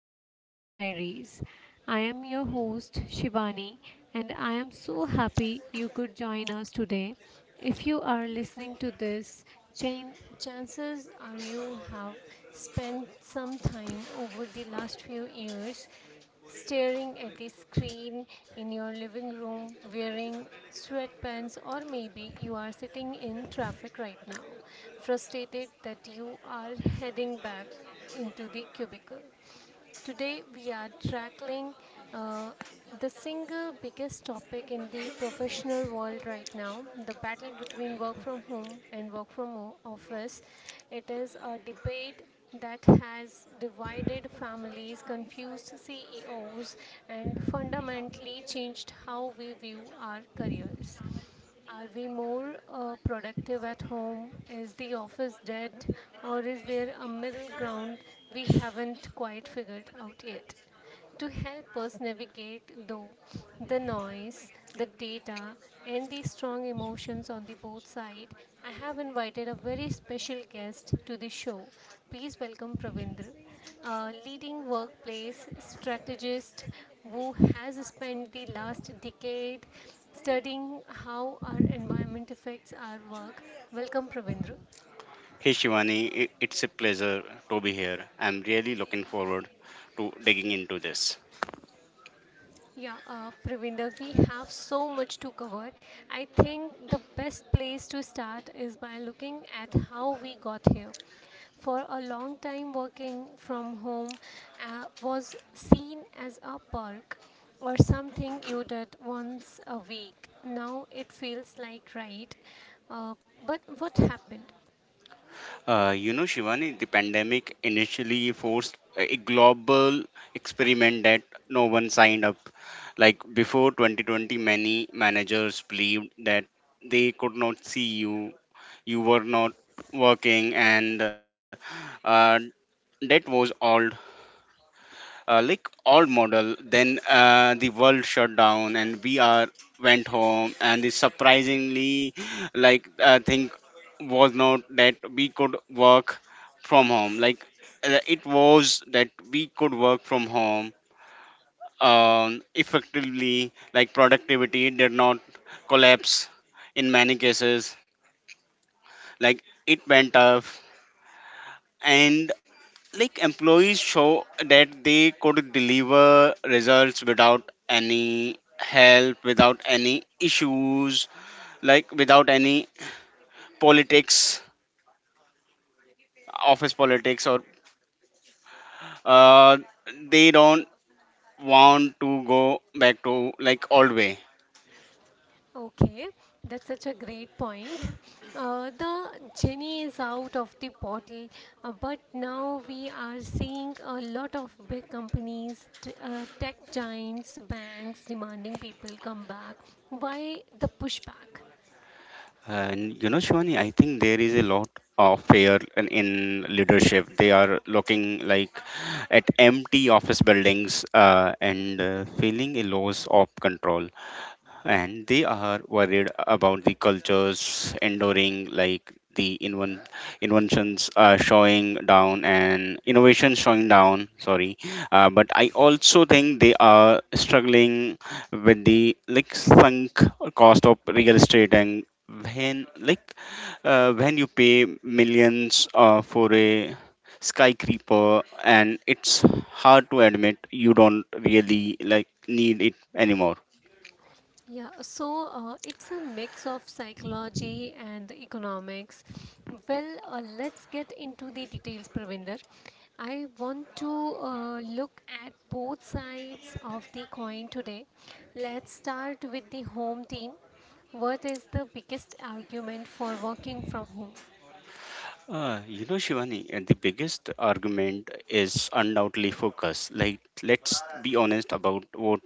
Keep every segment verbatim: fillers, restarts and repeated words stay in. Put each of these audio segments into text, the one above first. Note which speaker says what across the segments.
Speaker 1: Work Life Diaries. I am your host Shivani and I am so happy you could join us today. If you are listening to this, chan- chances are you have spent some time over the last few years staring at the screen in your living room wearing sweatpants, or maybe you are sitting in traffic right now, frustrated that you are heading back into the cubicle. Today we are tackling uh, the single biggest topic in the professional world right now, the battle between work from home and work from o- office. It is a debate that has divided families, confused C E Os, and fundamentally changed how we view our careers. Are we more uh, productive at home? Is the office dead? Or is there a middle ground we haven't quite figured out yet? To help us navigate, though, the noise, the data, and the strong emotions on the both side, I have invited a very special guest to the show. Please welcome Pravindra, a leading workplace strategist who has spent the last decade studying how our environment affects our work. Welcome, Pravindra.
Speaker 2: Hey Shivani, i- it's a pleasure to be here. I'm really looking forward to digging into this.
Speaker 1: Yeah, uh, Pravinder, we have so much to cover. I think the best place to start is by looking at how we got here. For a long time, working from home uh, was seen as a perk or something you did once a week. Now it feels like right. Uh, but what happened?
Speaker 2: Uh, you know, Shivani, the pandemic initially forced a global experiment that no one signed up. Like before twenty twenty, many managers believed that they could not see you, you were not working, and uh, that was all uh, like old model. Then uh, the world shut down and we are went home. And the surprisingly like uh, thing was not that we could work from home. Like uh, it was that we could work from home um, effectively. Like productivity did not collapse in many cases. Like it went up, and like employees show that they could deliver results without any help, without any issues, like without any politics, office politics, or uh, they don't want to go back to like old way.
Speaker 1: Okay, that's such a great point. Uh, the genie is out of the bottle, uh, but now we are seeing a lot of big companies, t- uh, tech giants, banks demanding people come back. Why the pushback?
Speaker 2: And you know Shivani, I think there is a lot of fear in, in leadership. They are looking like at empty office buildings, uh, and uh, feeling a loss of control, and they are worried about the cultures enduring, like the inven- inventions uh, showing down and innovation showing down, sorry. Uh, but I also think they are struggling with the like sunk cost of real estate. And when like uh, when you pay millions uh, for a skyscraper, and it's hard to admit you don't really like need it anymore.
Speaker 1: Yeah, so uh, it's a mix of psychology and economics. Well, uh, let's get into the details, Pravinder. I want to uh, look at both sides of the coin today. Let's start with the home team. What is the biggest argument for working from home?
Speaker 2: Uh, you know, Shivani, uh, the biggest argument is undoubtedly focus. Like, let's be honest about what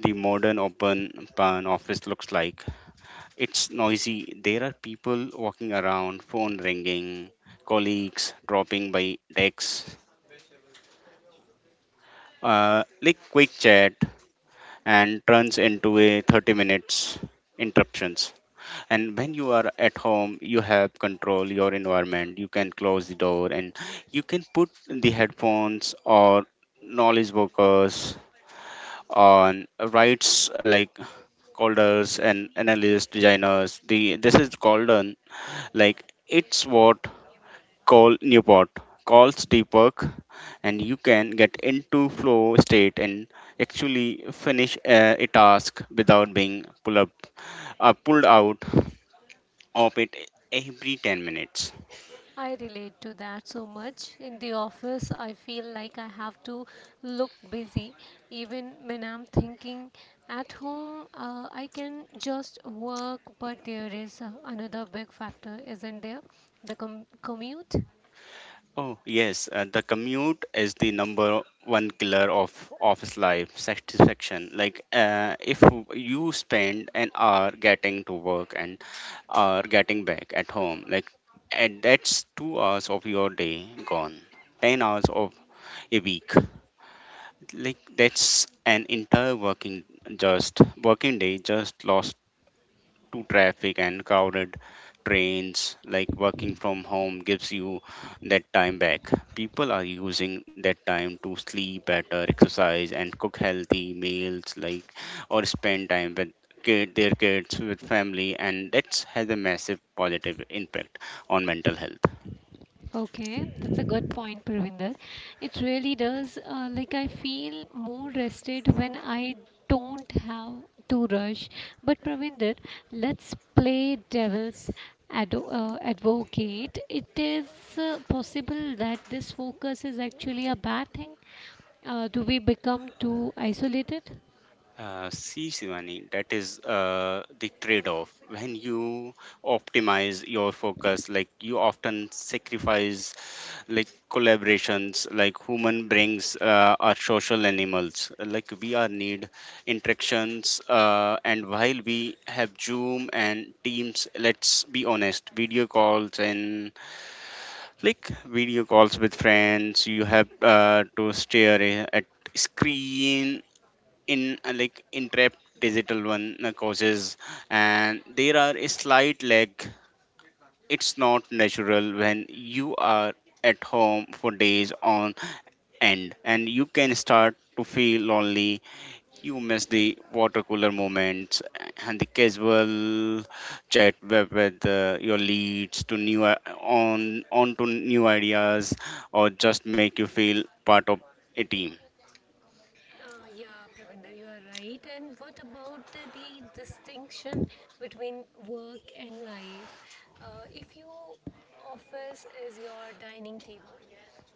Speaker 2: the modern open plan office looks like. It's noisy. There are people walking around, phone ringing, colleagues dropping by decks, uh, like quick chat, and turns into a thirty minutes interruptions. And when you are at home, you have control your environment. You can close the door and you can put the headphones, or knowledge workers on rights, uh, like coders and analysts designers, the this is called an, like it's what call Newport calls deep work. And you can get into flow state and actually finish uh, a task without being pull up uh, pulled out of it every ten minutes.
Speaker 1: I relate to that so much. In the office, I feel like I have to look busy. Even when I'm thinking at home, uh, I can just work, but there is uh, another big factor, isn't there? The com- commute.
Speaker 2: Oh, yes, uh, the commute is the number one killer of office life satisfaction. Like, uh, if you spend an hour getting to work and hour getting back at home, like, and that's two hours of your day gone, ten hours of a week. Like, that's an entire working, just working day just lost to traffic and crowded trains. Like working from home gives you that time back. People are using that time to sleep better, exercise and cook healthy meals, like or spend time with kid, their kids with family. And that has a massive positive impact on mental health.
Speaker 1: Okay, that's a good point, Pravinder. It really does. Uh, like I feel more rested when I don't have to rush. But Pravinder, let's play devil's ado- uh, advocate. It is uh, possible that this focus is actually a bad thing. Uh, do we become too isolated?
Speaker 2: Uh, see Shivani, that is uh, the trade-off. When you optimize your focus, like you often sacrifice like collaborations. Like human brings uh, are social animals. Like we are need interactions, uh, and while we have Zoom and teams, let's be honest, video calls, and like video calls with friends, you have uh, to stare a- at screen in, uh, like entrapped digital one uh, causes, and there are a slight lag. It's not natural. When you are at home for days on end, and you can start to feel lonely. You miss the water cooler moments and the casual chat with, with uh, your leads to new I- on on to new ideas, or just make you feel part of a team.
Speaker 1: Uh, yeah, Pravinder, you are right. And what about the, the distinction between work and life? Uh, if your office is your dining table,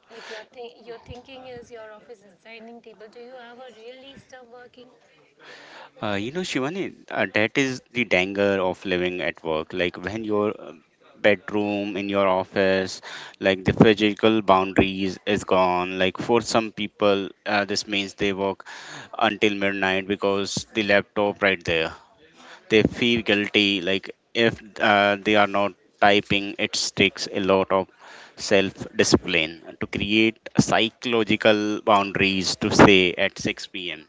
Speaker 1: like your, th- your thinking is your office is dining table, do you ever really stop working?
Speaker 2: Uh, you know, Shivani, uh, that is the danger of living at work. Like when your um, bedroom in your office, like the physical boundaries is gone. Like for some people, uh, this means they work until midnight because the laptop right there. They feel guilty. Like if uh, they are not typing, it takes a lot of self-discipline to create psychological boundaries to say at six p.m.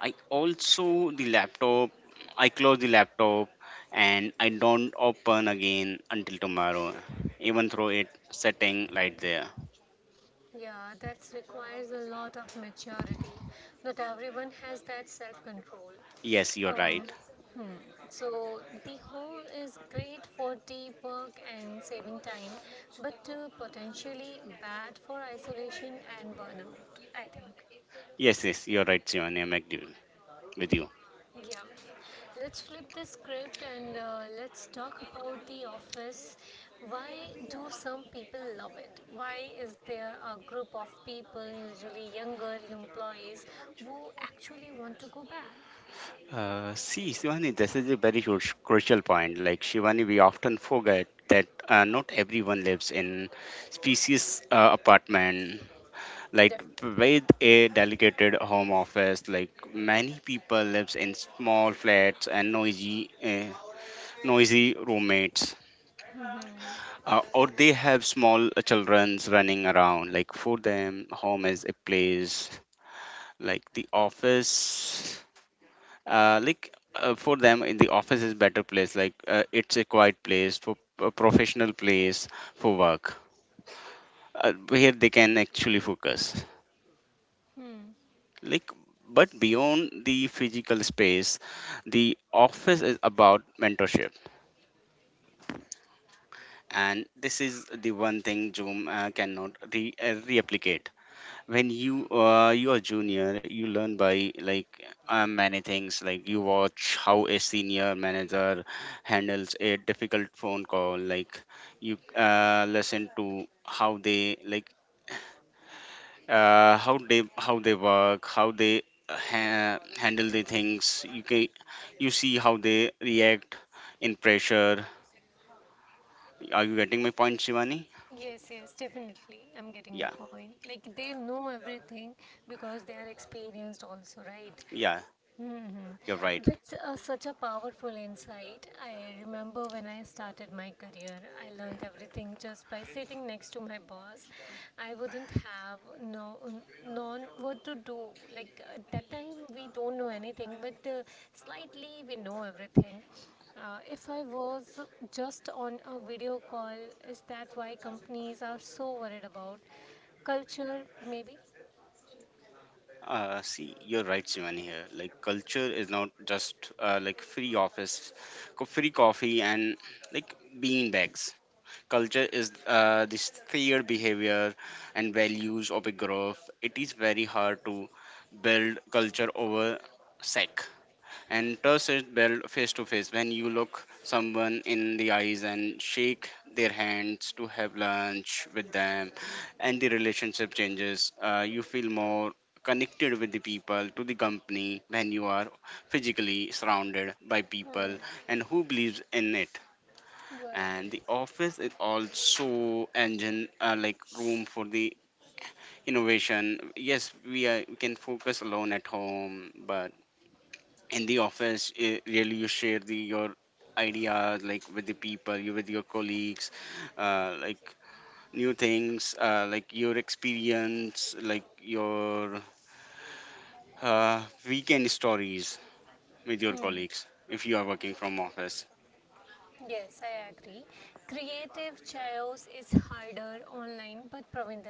Speaker 2: I also the laptop. I close the laptop and I don't open again until tomorrow, even though it setting right there.
Speaker 1: Yeah, that requires a lot of maturity. Not everyone has that self control.
Speaker 2: Yes, you're
Speaker 1: Um,
Speaker 2: right.
Speaker 1: hmm. So, the home is great for deep work and saving time, but uh, potentially bad for isolation and burnout, I think.
Speaker 2: Yes, yes, you're right, Shivani. I'm agree with you.
Speaker 1: Yeah, let's flip the script and uh, let's talk about The Office. Why do some people love it? Why is there a group of people, usually younger employees, who actually want to go back?
Speaker 2: Uh, see, Shivani, this is a very huge, crucial point. Like Shivani, we often forget that uh, not everyone lives in species uh, apartment, like
Speaker 1: Definitely.
Speaker 2: with a dedicated home office. Like many people lives in small flats and noisy uh, noisy roommates, uh, or they have small childrens running around. Like for them, home is a place like the office. Uh, like uh, for them, in the office is better place. Like uh, it's a quiet place, for a professional place for work, uh, where they can actually focus.
Speaker 1: Hmm.
Speaker 2: Like but beyond the physical space, the office is about mentorship, and this is the one thing Zoom uh, cannot re- uh, replicate. When you uh, you are junior, you learn by like uh, many things, like you watch how a senior manager handles a difficult phone call. Like you uh, listen to how they like uh, how they how they work, how they uh, ha- handle the things. You can, you see how they react in pressure. Are you getting my point, Shivani?
Speaker 1: Yes, yes, definitely. I'm getting your
Speaker 2: Yeah,
Speaker 1: point. Like they know everything because they are experienced also, right?
Speaker 2: yeah,
Speaker 1: Hmm.
Speaker 2: you're right.
Speaker 1: That's uh, such a powerful insight. I remember when I started my career, I learned everything just by sitting next to my boss. I wouldn't have no known what to do. Like uh, at that time, we don't know anything, but uh, slightly we know everything. Uh, if I was just on a video call, is that why companies are so worried about culture? Maybe.
Speaker 2: Uh, see, you're right, Shivani. Here, like culture is not just uh, like free office, co- free coffee, and like bean bags. Culture is uh, this shared behavior and values of a group. It is very hard to build culture over sec. And trust is built face to face when you look someone in the eyes and shake their hands to have lunch with them. And the relationship changes. Uh, you feel more connected with the people to the company when you are physically surrounded by
Speaker 1: Hmm.
Speaker 2: people and who believes in it.
Speaker 1: You are
Speaker 2: And
Speaker 1: right.
Speaker 2: the office is also engine, uh, like room for the innovation. Yes, we, are, we can focus alone at home, but in the office, eh, really you share the your ideas like with the people, you with your colleagues, uh, like new things, uh, like your experience, like your uh, weekend stories with your colleagues if you are working from office.
Speaker 1: Yes, I agree. Creative chaos is harder online, but Pravinder,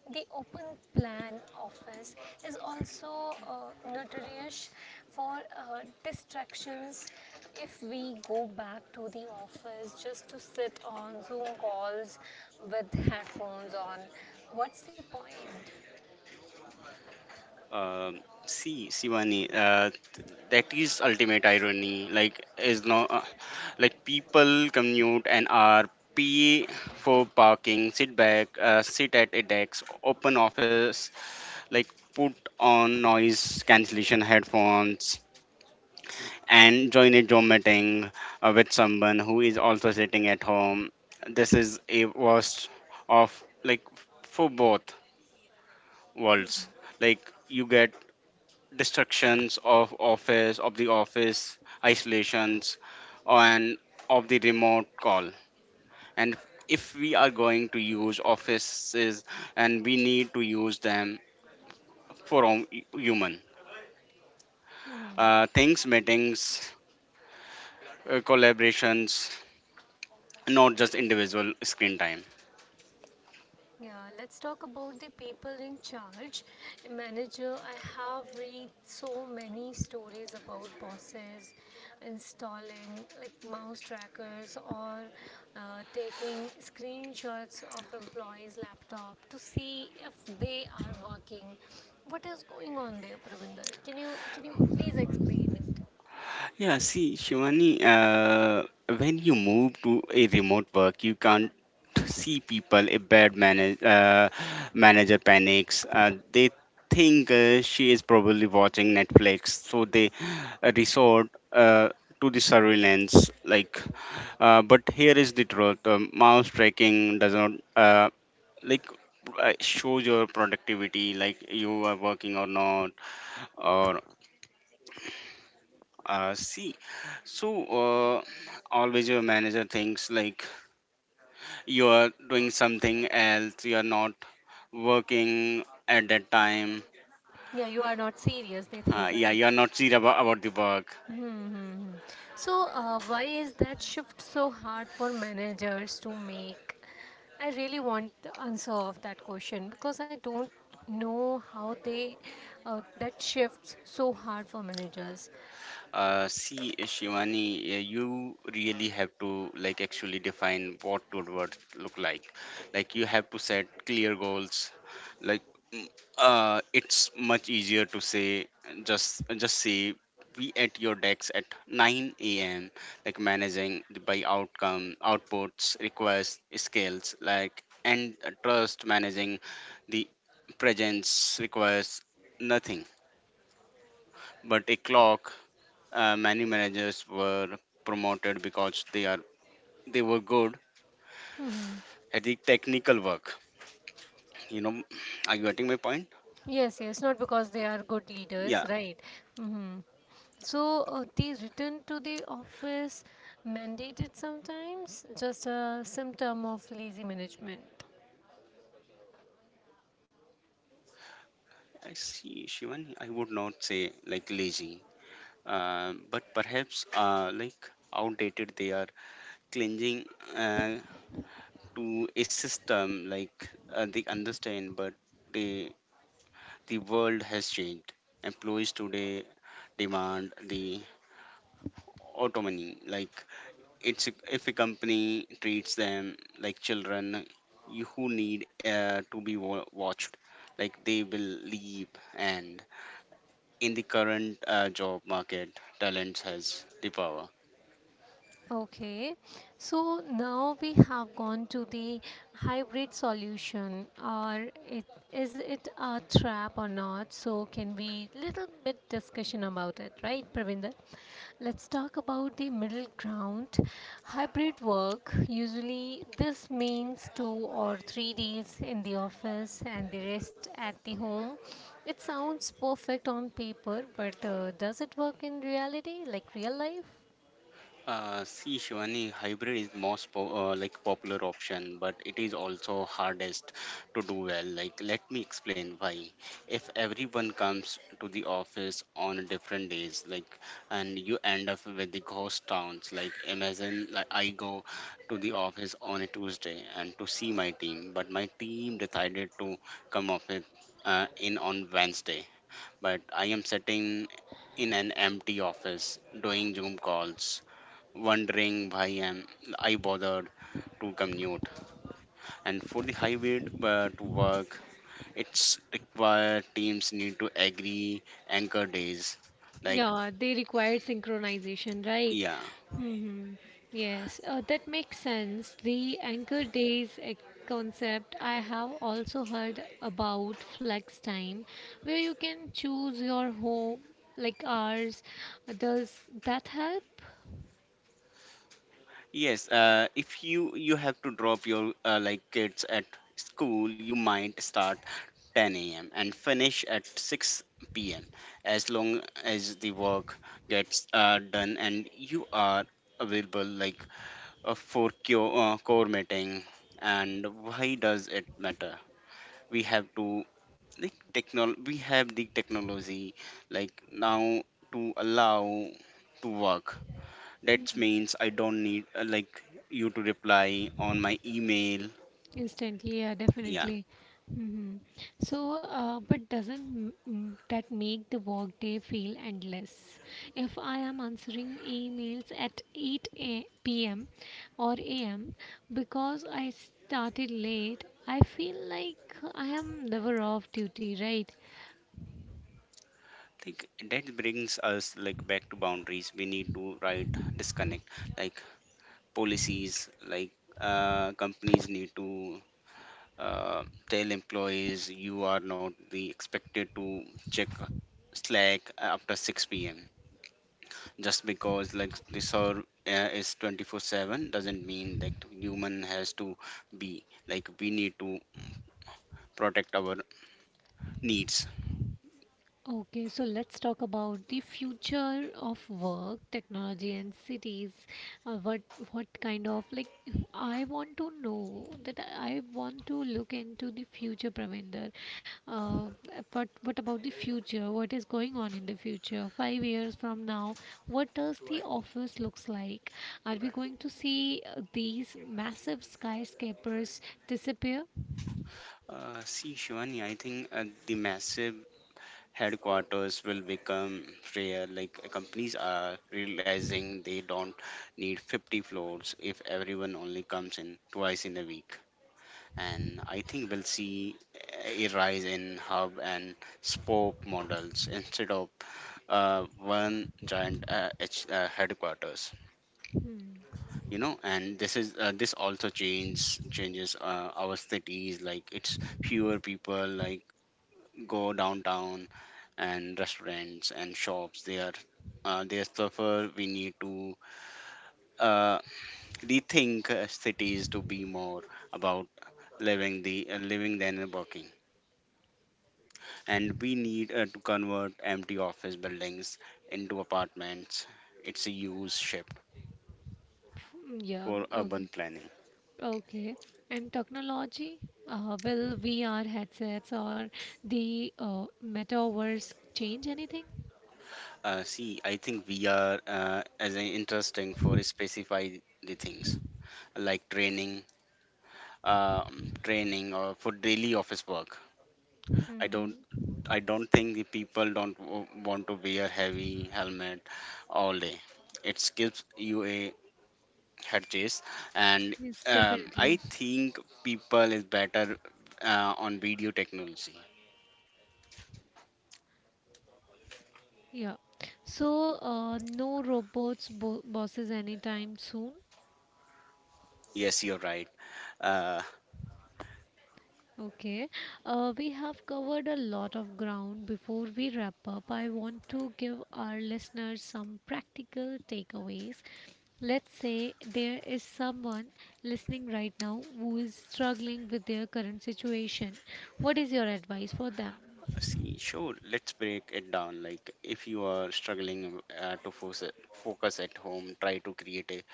Speaker 1: the open plan office is also uh, notorious for uh, distractions. If we go back to the office just to sit on Zoom calls with headphones on, what's the point?
Speaker 2: um, See Sivani, uh, that is ultimate irony. Like is no, uh, like people commute and are pay for parking, sit back, uh, sit at a desk, open office, like put on noise cancellation headphones and join a Zoom meeting uh, with someone who is also sitting at home. This is a worst of like for both worlds. Like you get distractions of office of the office isolations and of the remote call. And if we are going to use offices, and we need to use them for hom- human uh, things, meetings, uh, collaborations, not just individual screen time.
Speaker 1: Yeah, let's talk about the people in charge. Manager, I have read so many stories about bosses installing like mouse trackers or uh, taking screenshots of employees' laptop to see if they are working. What is going on there, Pravinder? Can you can you please explain it?
Speaker 2: Yeah, see, Shivani, uh, when you move to a remote work, you can't see people. A bad manage, uh, manager panics. Uh, they think uh, she is probably watching Netflix, so they uh, resort uh, to the surveillance. Like, uh, but here is the truth: um, mouse tracking does not uh, like uh, shows your productivity, like you are working or not, or uh, see, so uh, always your manager thinks like you are doing something else, you are not working at that time.
Speaker 1: Yeah, you are not serious, they
Speaker 2: Uh,
Speaker 1: think,
Speaker 2: yeah,
Speaker 1: right?
Speaker 2: you are not serious about, about the work.
Speaker 1: Hmm, hmm, hmm. So, uh, why is that shift so hard for managers to make? I really want the answer of that question because I don't know how they uh, that shifts so hard for managers.
Speaker 2: Uh, see, uh, Shivani, uh, you really have to like actually define what good work look like. Like you have to set clear goals. Like mm, uh, it's much easier to say just just say be at your decks at nine a m. Like managing the- by outcome outputs, requests, scales, like and uh, trust. Managing the presence requires nothing but a clock. Uh, many managers were promoted because they are they were good
Speaker 1: Hmm.
Speaker 2: at the technical work, you know. Are you getting my point?
Speaker 1: Yes, yes, not because they are good
Speaker 2: Yeah.
Speaker 1: leaders, right? Hmm. So uh, the return to the office mandated sometimes just a symptom of lazy management.
Speaker 2: I see Shivan, I would not say like lazy, uh, but perhaps uh, like outdated. They are clinging uh, to a system like uh, they understand, but they, the world has changed. Employees today demand the autonomy. Like it's if a company treats them like children, you who need uh, to be wa- watched, like they will leave. And in the current uh, job market, talent has the power.
Speaker 1: Okay, so now we have gone to the hybrid solution, or it, is it a trap or not? So can we little bit discussion about it, right, Pravinder? Let's talk about the middle ground. Hybrid work usually this means two or three days in the office and the rest at the home. It sounds perfect on paper, but uh, does it work in reality, like real life?
Speaker 2: Uh, see, Shivani, hybrid is most po- uh, like popular option, but it is also hardest to do well. Like, let me explain why. If everyone comes to the office on different days, like, and you end up with the ghost towns. Like, imagine like I go to the office on a Tuesday and to see my team, but my team decided to come office uh, in on Wednesday, but I am sitting in an empty office doing Zoom calls, wondering why am I bothered to commute. And for the highway uh, to work, it's required teams need to agree anchor days. Like
Speaker 1: Yeah, they required synchronization, right?
Speaker 2: yeah,
Speaker 1: Hmm. Yes, uh, that makes sense. The anchor days uh, concept I have also heard about flex time, where you can choose your home like hours. Does that help?
Speaker 2: yes. Uh, if you you have to drop your uh, like kids at school, you might start ten a m and finish at six p m As long as the work gets uh, done and you are available, like uh, for co- uh, core mating. And why does it matter? We have to, like technol we have the technology like now to allow to work. That means I don't need uh, like you to reply on my email,
Speaker 1: Instantly, yeah,
Speaker 2: yeah.
Speaker 1: definitely. Hmm. So, uh, but doesn't m- m- that make the workday feel endless? If I am answering emails at eight p m or a m because I started late, I feel like I am never off duty, right?
Speaker 2: Like that brings us like back to boundaries. We need to write disconnect like policies. Like uh, companies need to uh, tell employees you are not the expected to check Slack after six p.m, just because like the server uh, is twenty four seven doesn't mean that human has to be. Like we need to protect our needs.
Speaker 1: Okay, so let's talk about the future of work, technology, and cities. Uh, what what kind of like I want to know that I want to look into the future, Pravender. Uh, but what about the future? What is going on in the future? Five years from now, what does the office looks like? Are we going to see uh, these massive skyscrapers disappear?
Speaker 2: Uh, see, Shivani, I think uh, the massive headquarters will become rare. Like uh, companies are realizing they don't need fifty floors if everyone only comes in twice in a week. And I think we'll see a rise in hub and spoke models instead of uh, one giant uh, H, uh, headquarters.
Speaker 1: Hmm.
Speaker 2: You know, and this is uh, this also changes changes uh, our cities. Like it's fewer people like go downtown, and restaurants and shops, they are uh, they suffer. We need to uh, rethink uh, cities to be more about living the uh, living than working. And we need uh, to convert empty office buildings into apartments. It's a huge shift
Speaker 1: Yeah.
Speaker 2: for urban
Speaker 1: Okay.
Speaker 2: planning.
Speaker 1: Okay, and technology, uh, will V R headsets or the uh, metaverse change anything?
Speaker 2: Uh, see, I think we are uh, as an interesting for specify the things like training, um, training or for daily office work. I don't,
Speaker 1: Hmm.
Speaker 2: I don't think the people don't w- want to wear heavy helmet all day. It gives you a had chase. And
Speaker 1: Yes,
Speaker 2: um, I
Speaker 1: definitely.
Speaker 2: think people is better uh, on video technology.
Speaker 1: Yeah. So, uh, no robots bo bosses anytime soon.
Speaker 2: Yes, you're right. uh,
Speaker 1: Okay, uh, we have covered a lot of ground. Before we wrap up, I want to give our listeners some practical takeaways. Let's say there is someone listening right now who is struggling with their current situation. What is your advice for them?
Speaker 2: See, sure, let's break it down. Like if you are struggling uh, to focus, focus at home, try to create a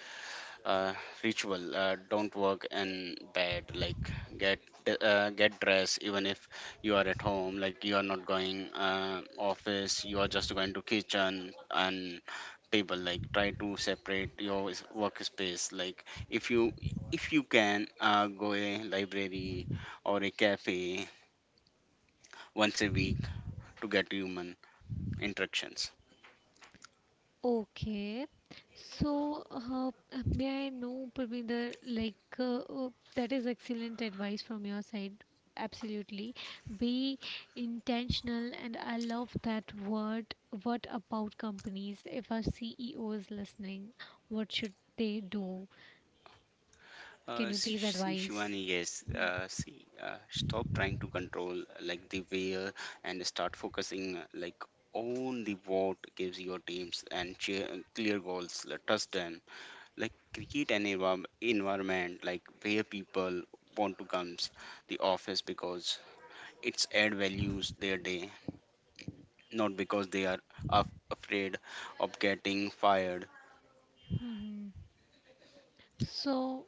Speaker 2: uh, ritual. Uh, don't work in bed. Like get d- uh, get dressed even if you are at home. Like you are not going uh, office, you are just going to kitchen and table. Like try to separate your s- workspace. Like if you if you can uh, go a library or a cafe once a week to get human interactions.
Speaker 1: Okay, so uh, may I know, Parminder, like uh, uh, that is excellent advice from your side. Absolutely, be intentional, and I love that word. What about companies? If our C E O is listening, what should they do?
Speaker 2: Uh,
Speaker 1: Can you please
Speaker 2: See,
Speaker 1: advise?
Speaker 2: Shivani, yes. Uh, see, uh, stop trying to control uh, like the where and start focusing uh, like on the what. Gives your teams and cheer, uh, clear goals. uh, Trust them. Like create an envirom- environment like where people want to come the office because it's add values their day, not because they are af- afraid of getting fired.
Speaker 1: Hmm. So,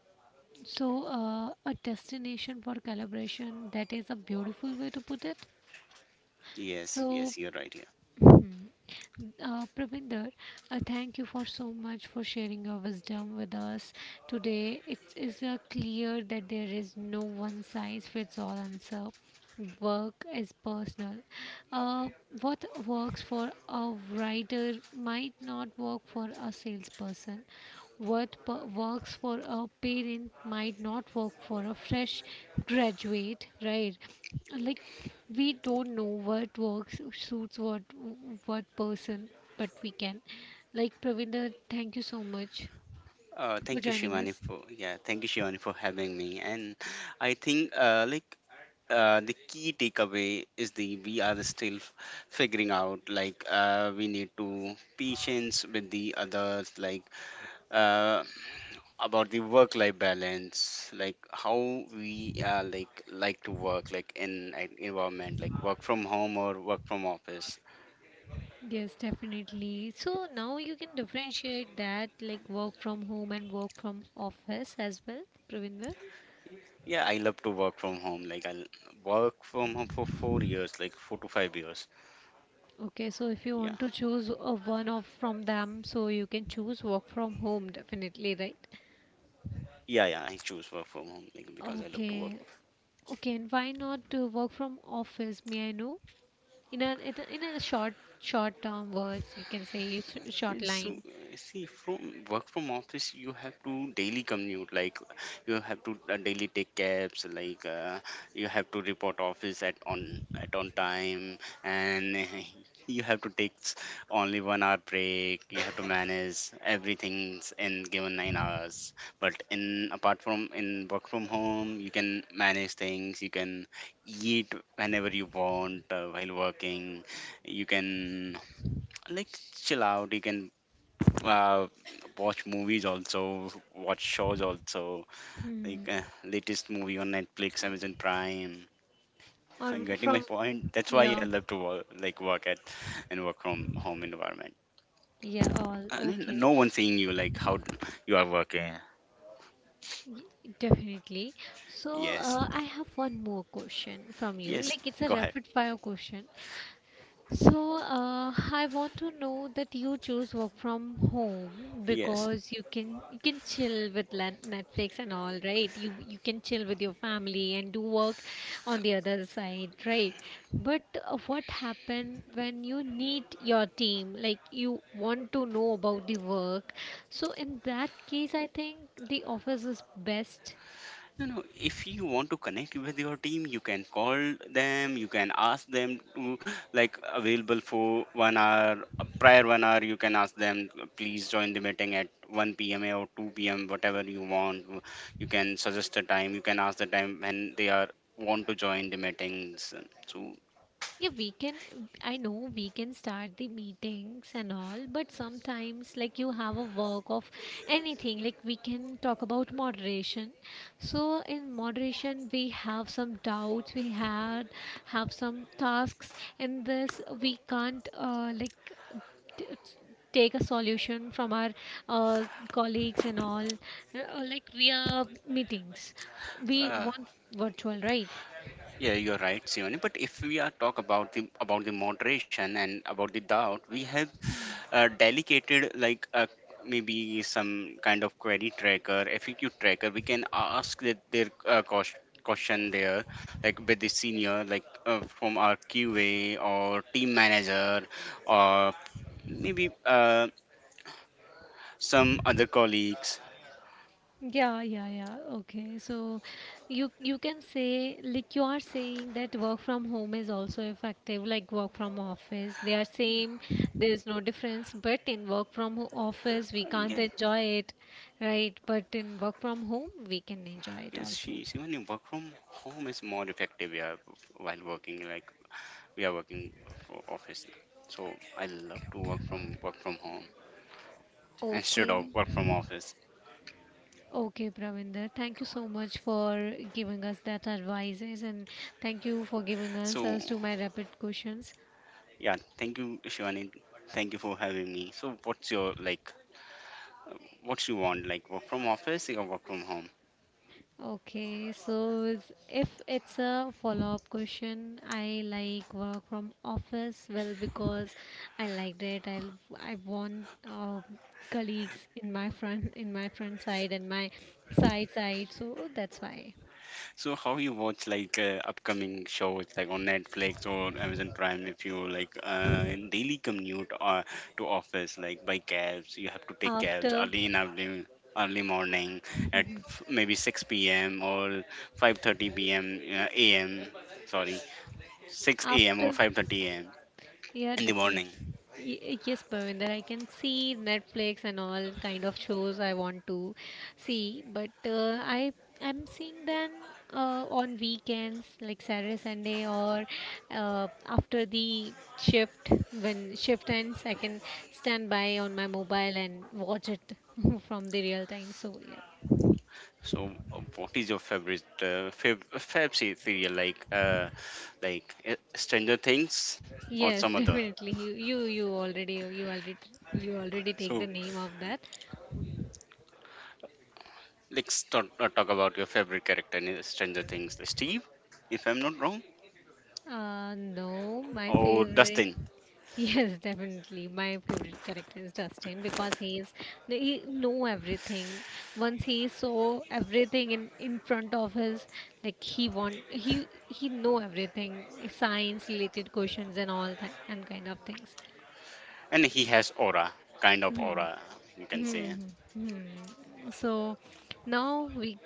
Speaker 1: so uh, a destination for collaboration. That is a beautiful way to put it.
Speaker 2: Yes,
Speaker 1: So
Speaker 2: yes, you're right.
Speaker 1: Mhm. Uh, Pravinder, uh, thank you for so much for sharing your wisdom with us today. It is uh, clear that there is no one size fits all answer. Work is personal. Uh, what works for a writer might not work for a salesperson. What p- works for a parent might not work for a fresh graduate, right? Like we don't know what works suits what what person, but we can. Like Pravinder, thank you so much
Speaker 2: Uh,
Speaker 1: for
Speaker 2: thank you,
Speaker 1: joining
Speaker 2: Shivani,
Speaker 1: us.
Speaker 2: for yeah, thank you, Shivani, for having me. And I think uh, like uh, the key takeaway is the we are still f- figuring out. Like uh, we need to patience with the others. Like uh, about the work-life balance. Like how we uh, like like to work. Like in an environment, like work from home or work from office.
Speaker 1: Yes, definitely. So now you can differentiate that like work from home and work from office as well, Pravinder.
Speaker 2: Yeah, I love to work from home. Like I work from home for four years, like four to five years.
Speaker 1: Okay, so if you
Speaker 2: Yeah,
Speaker 1: want to choose uh, one of from them, so you can choose work from home definitely, right?
Speaker 2: yeah, yeah, I choose work from home, like, because I love to work.
Speaker 1: Okay, okay, and why not to work from office? May I know? In a it- in a short short term words, you can say it's short
Speaker 2: Yes, so
Speaker 1: line.
Speaker 2: uh, see, from work from office, you have to daily commute. Like you have to uh, daily take cabs. Like uh, you have to report office at on at on time, and you have to take s- only one hour break. You have to manage everything in given nine hours. But in apart from in work from home, you can manage things. You can eat whenever you want uh, while working. You can like chill out. You can uh, watch movies also, watch shows also, like
Speaker 1: Hmm.
Speaker 2: uh, latest movie on Netflix, Amazon Prime.
Speaker 1: Or
Speaker 2: I'm getting my
Speaker 1: from
Speaker 2: point. That's why I
Speaker 1: yeah,
Speaker 2: love to work, like work at and work from home environment.
Speaker 1: yeah, all
Speaker 2: Uh, and then
Speaker 1: okay,
Speaker 2: no one seeing you like how you are working.
Speaker 1: Y- definitely. So
Speaker 2: Yes.
Speaker 1: uh, I have one more question from you.
Speaker 2: Yes,
Speaker 1: Like it's a
Speaker 2: go ahead.
Speaker 1: rapid fire question. So, uh, I want to know that you choose work from home
Speaker 2: Yes.
Speaker 1: because you can you can chill with Lan- Netflix and all, right? You you can chill with your family and do work on the other side, right? But uh, what happened when you need your team? Like you want to know about the work. So in that case, I think the office is best.
Speaker 2: No, no. If you want to connect with your team, you can call them. You can ask them to like available for one hour, prior one hour. You can ask them, please join the meeting at one p m or two p m. Whatever you want, you can suggest a time. You can ask the time when they are want to join the meetings. So
Speaker 1: Yeah, we can. I know we can start the meetings and all, but sometimes, like, you have a work of anything. Like, we can talk about moderation. So, in moderation, we have some doubts, we had have some tasks. In this, we can't, uh, like, t- take a solution from our uh, colleagues and all uh, like via meetings we
Speaker 2: uh,
Speaker 1: want virtual, right?
Speaker 2: yeah, you're right, Sione. But if we are talk about the about the moderation and about the doubt, we have uh, dedicated like uh, maybe some kind of query tracker, F A Q tracker. We can ask that their uh, cost question there, like with the senior, like uh, from our Q A or team manager, or maybe uh, some other colleagues.
Speaker 1: Yeah, yeah, yeah. Okay. So you you can say like you are saying that work from home is also effective like work from office. They are same. There's no difference, but in work from ho- office we
Speaker 2: Uh, yeah.
Speaker 1: can't enjoy it, right? But in work from home we can enjoy it
Speaker 2: Yes, she
Speaker 1: also.
Speaker 2: she even work from home is more effective, yeah. While working, like we are working for office, so I love to work from work from home instead of
Speaker 1: Okay.
Speaker 2: work from office.
Speaker 1: Okay, Pravinder, thank you so much for giving us that advices and thank you for giving
Speaker 2: So
Speaker 1: answers to my rapid questions.
Speaker 2: yeah, thank you, Shivani. Thank you for having me. So, what's your like? What you want? Like work from office or work from home?
Speaker 1: Okay, so is- if it's a follow-up question, I like work from office. Well, because I liked it. I I want uh, colleagues in my front in my front side and my side side. So that's why
Speaker 2: So, how you watch like uh, upcoming shows like on Netflix or Amazon Prime? If you like uh, in daily commute or to office like by cabs, you have to take cabs
Speaker 1: after
Speaker 2: early, in early early morning at f- maybe six p m or five thirty p m uh, a m. Sorry, six a m
Speaker 1: after
Speaker 2: or five thirty a m
Speaker 1: yeah,
Speaker 2: in the morning.
Speaker 1: definitely. Y- yes, Pavinder, I can see Netflix and all kind of shows I want to see, but uh, I I'm seeing them uh, on weekends like Saturday, Sunday, or uh, after the shift when shift ends, I can stand by on my mobile and watch it from the real time. So yeah,
Speaker 2: So, uh, what is your favorite uh, fav fav se- serial, like uh, like uh, Stranger Things or
Speaker 1: yes,
Speaker 2: some other?
Speaker 1: definitely. You you you already you already you already take the
Speaker 2: So,
Speaker 1: name of that.
Speaker 2: let's talk, uh, talk about your favorite character in Stranger Things. Steve, if I'm not wrong,
Speaker 1: Uh, no, my
Speaker 2: or
Speaker 1: favorite.
Speaker 2: Dustin?
Speaker 1: Yes, definitely. My favorite character is Dustin because he is he know everything. Once he saw everything in in front of his like he want he he know everything, science related questions and all that and kind of things.
Speaker 2: And he has aura, kind of
Speaker 1: Hmm.
Speaker 2: aura, you can
Speaker 1: Hmm.
Speaker 2: say.
Speaker 1: Hmm. So now we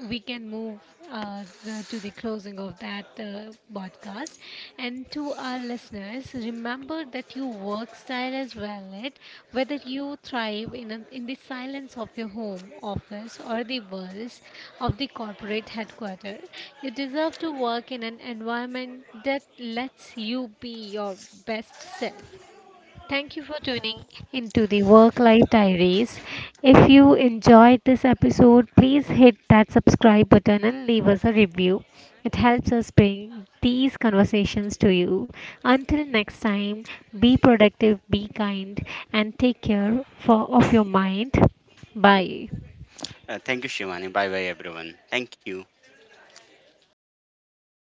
Speaker 1: we can move uh, the, to the closing of that uh, podcast. And to our listeners, remember that your work style is valid, whether you thrive in, a, in the silence of your home, office, or the buzz of the corporate headquarter. You deserve to work in an environment that lets you be your best self. Thank you for tuning into the Work Life Diaries. If you enjoyed this episode, please hit that subscribe button and leave us a review. It helps us bring these conversations to you. Until next time, be productive, be kind, and take care for, of your mind. Bye.
Speaker 2: Uh, thank you, Shivani. Bye bye, everyone. Thank you.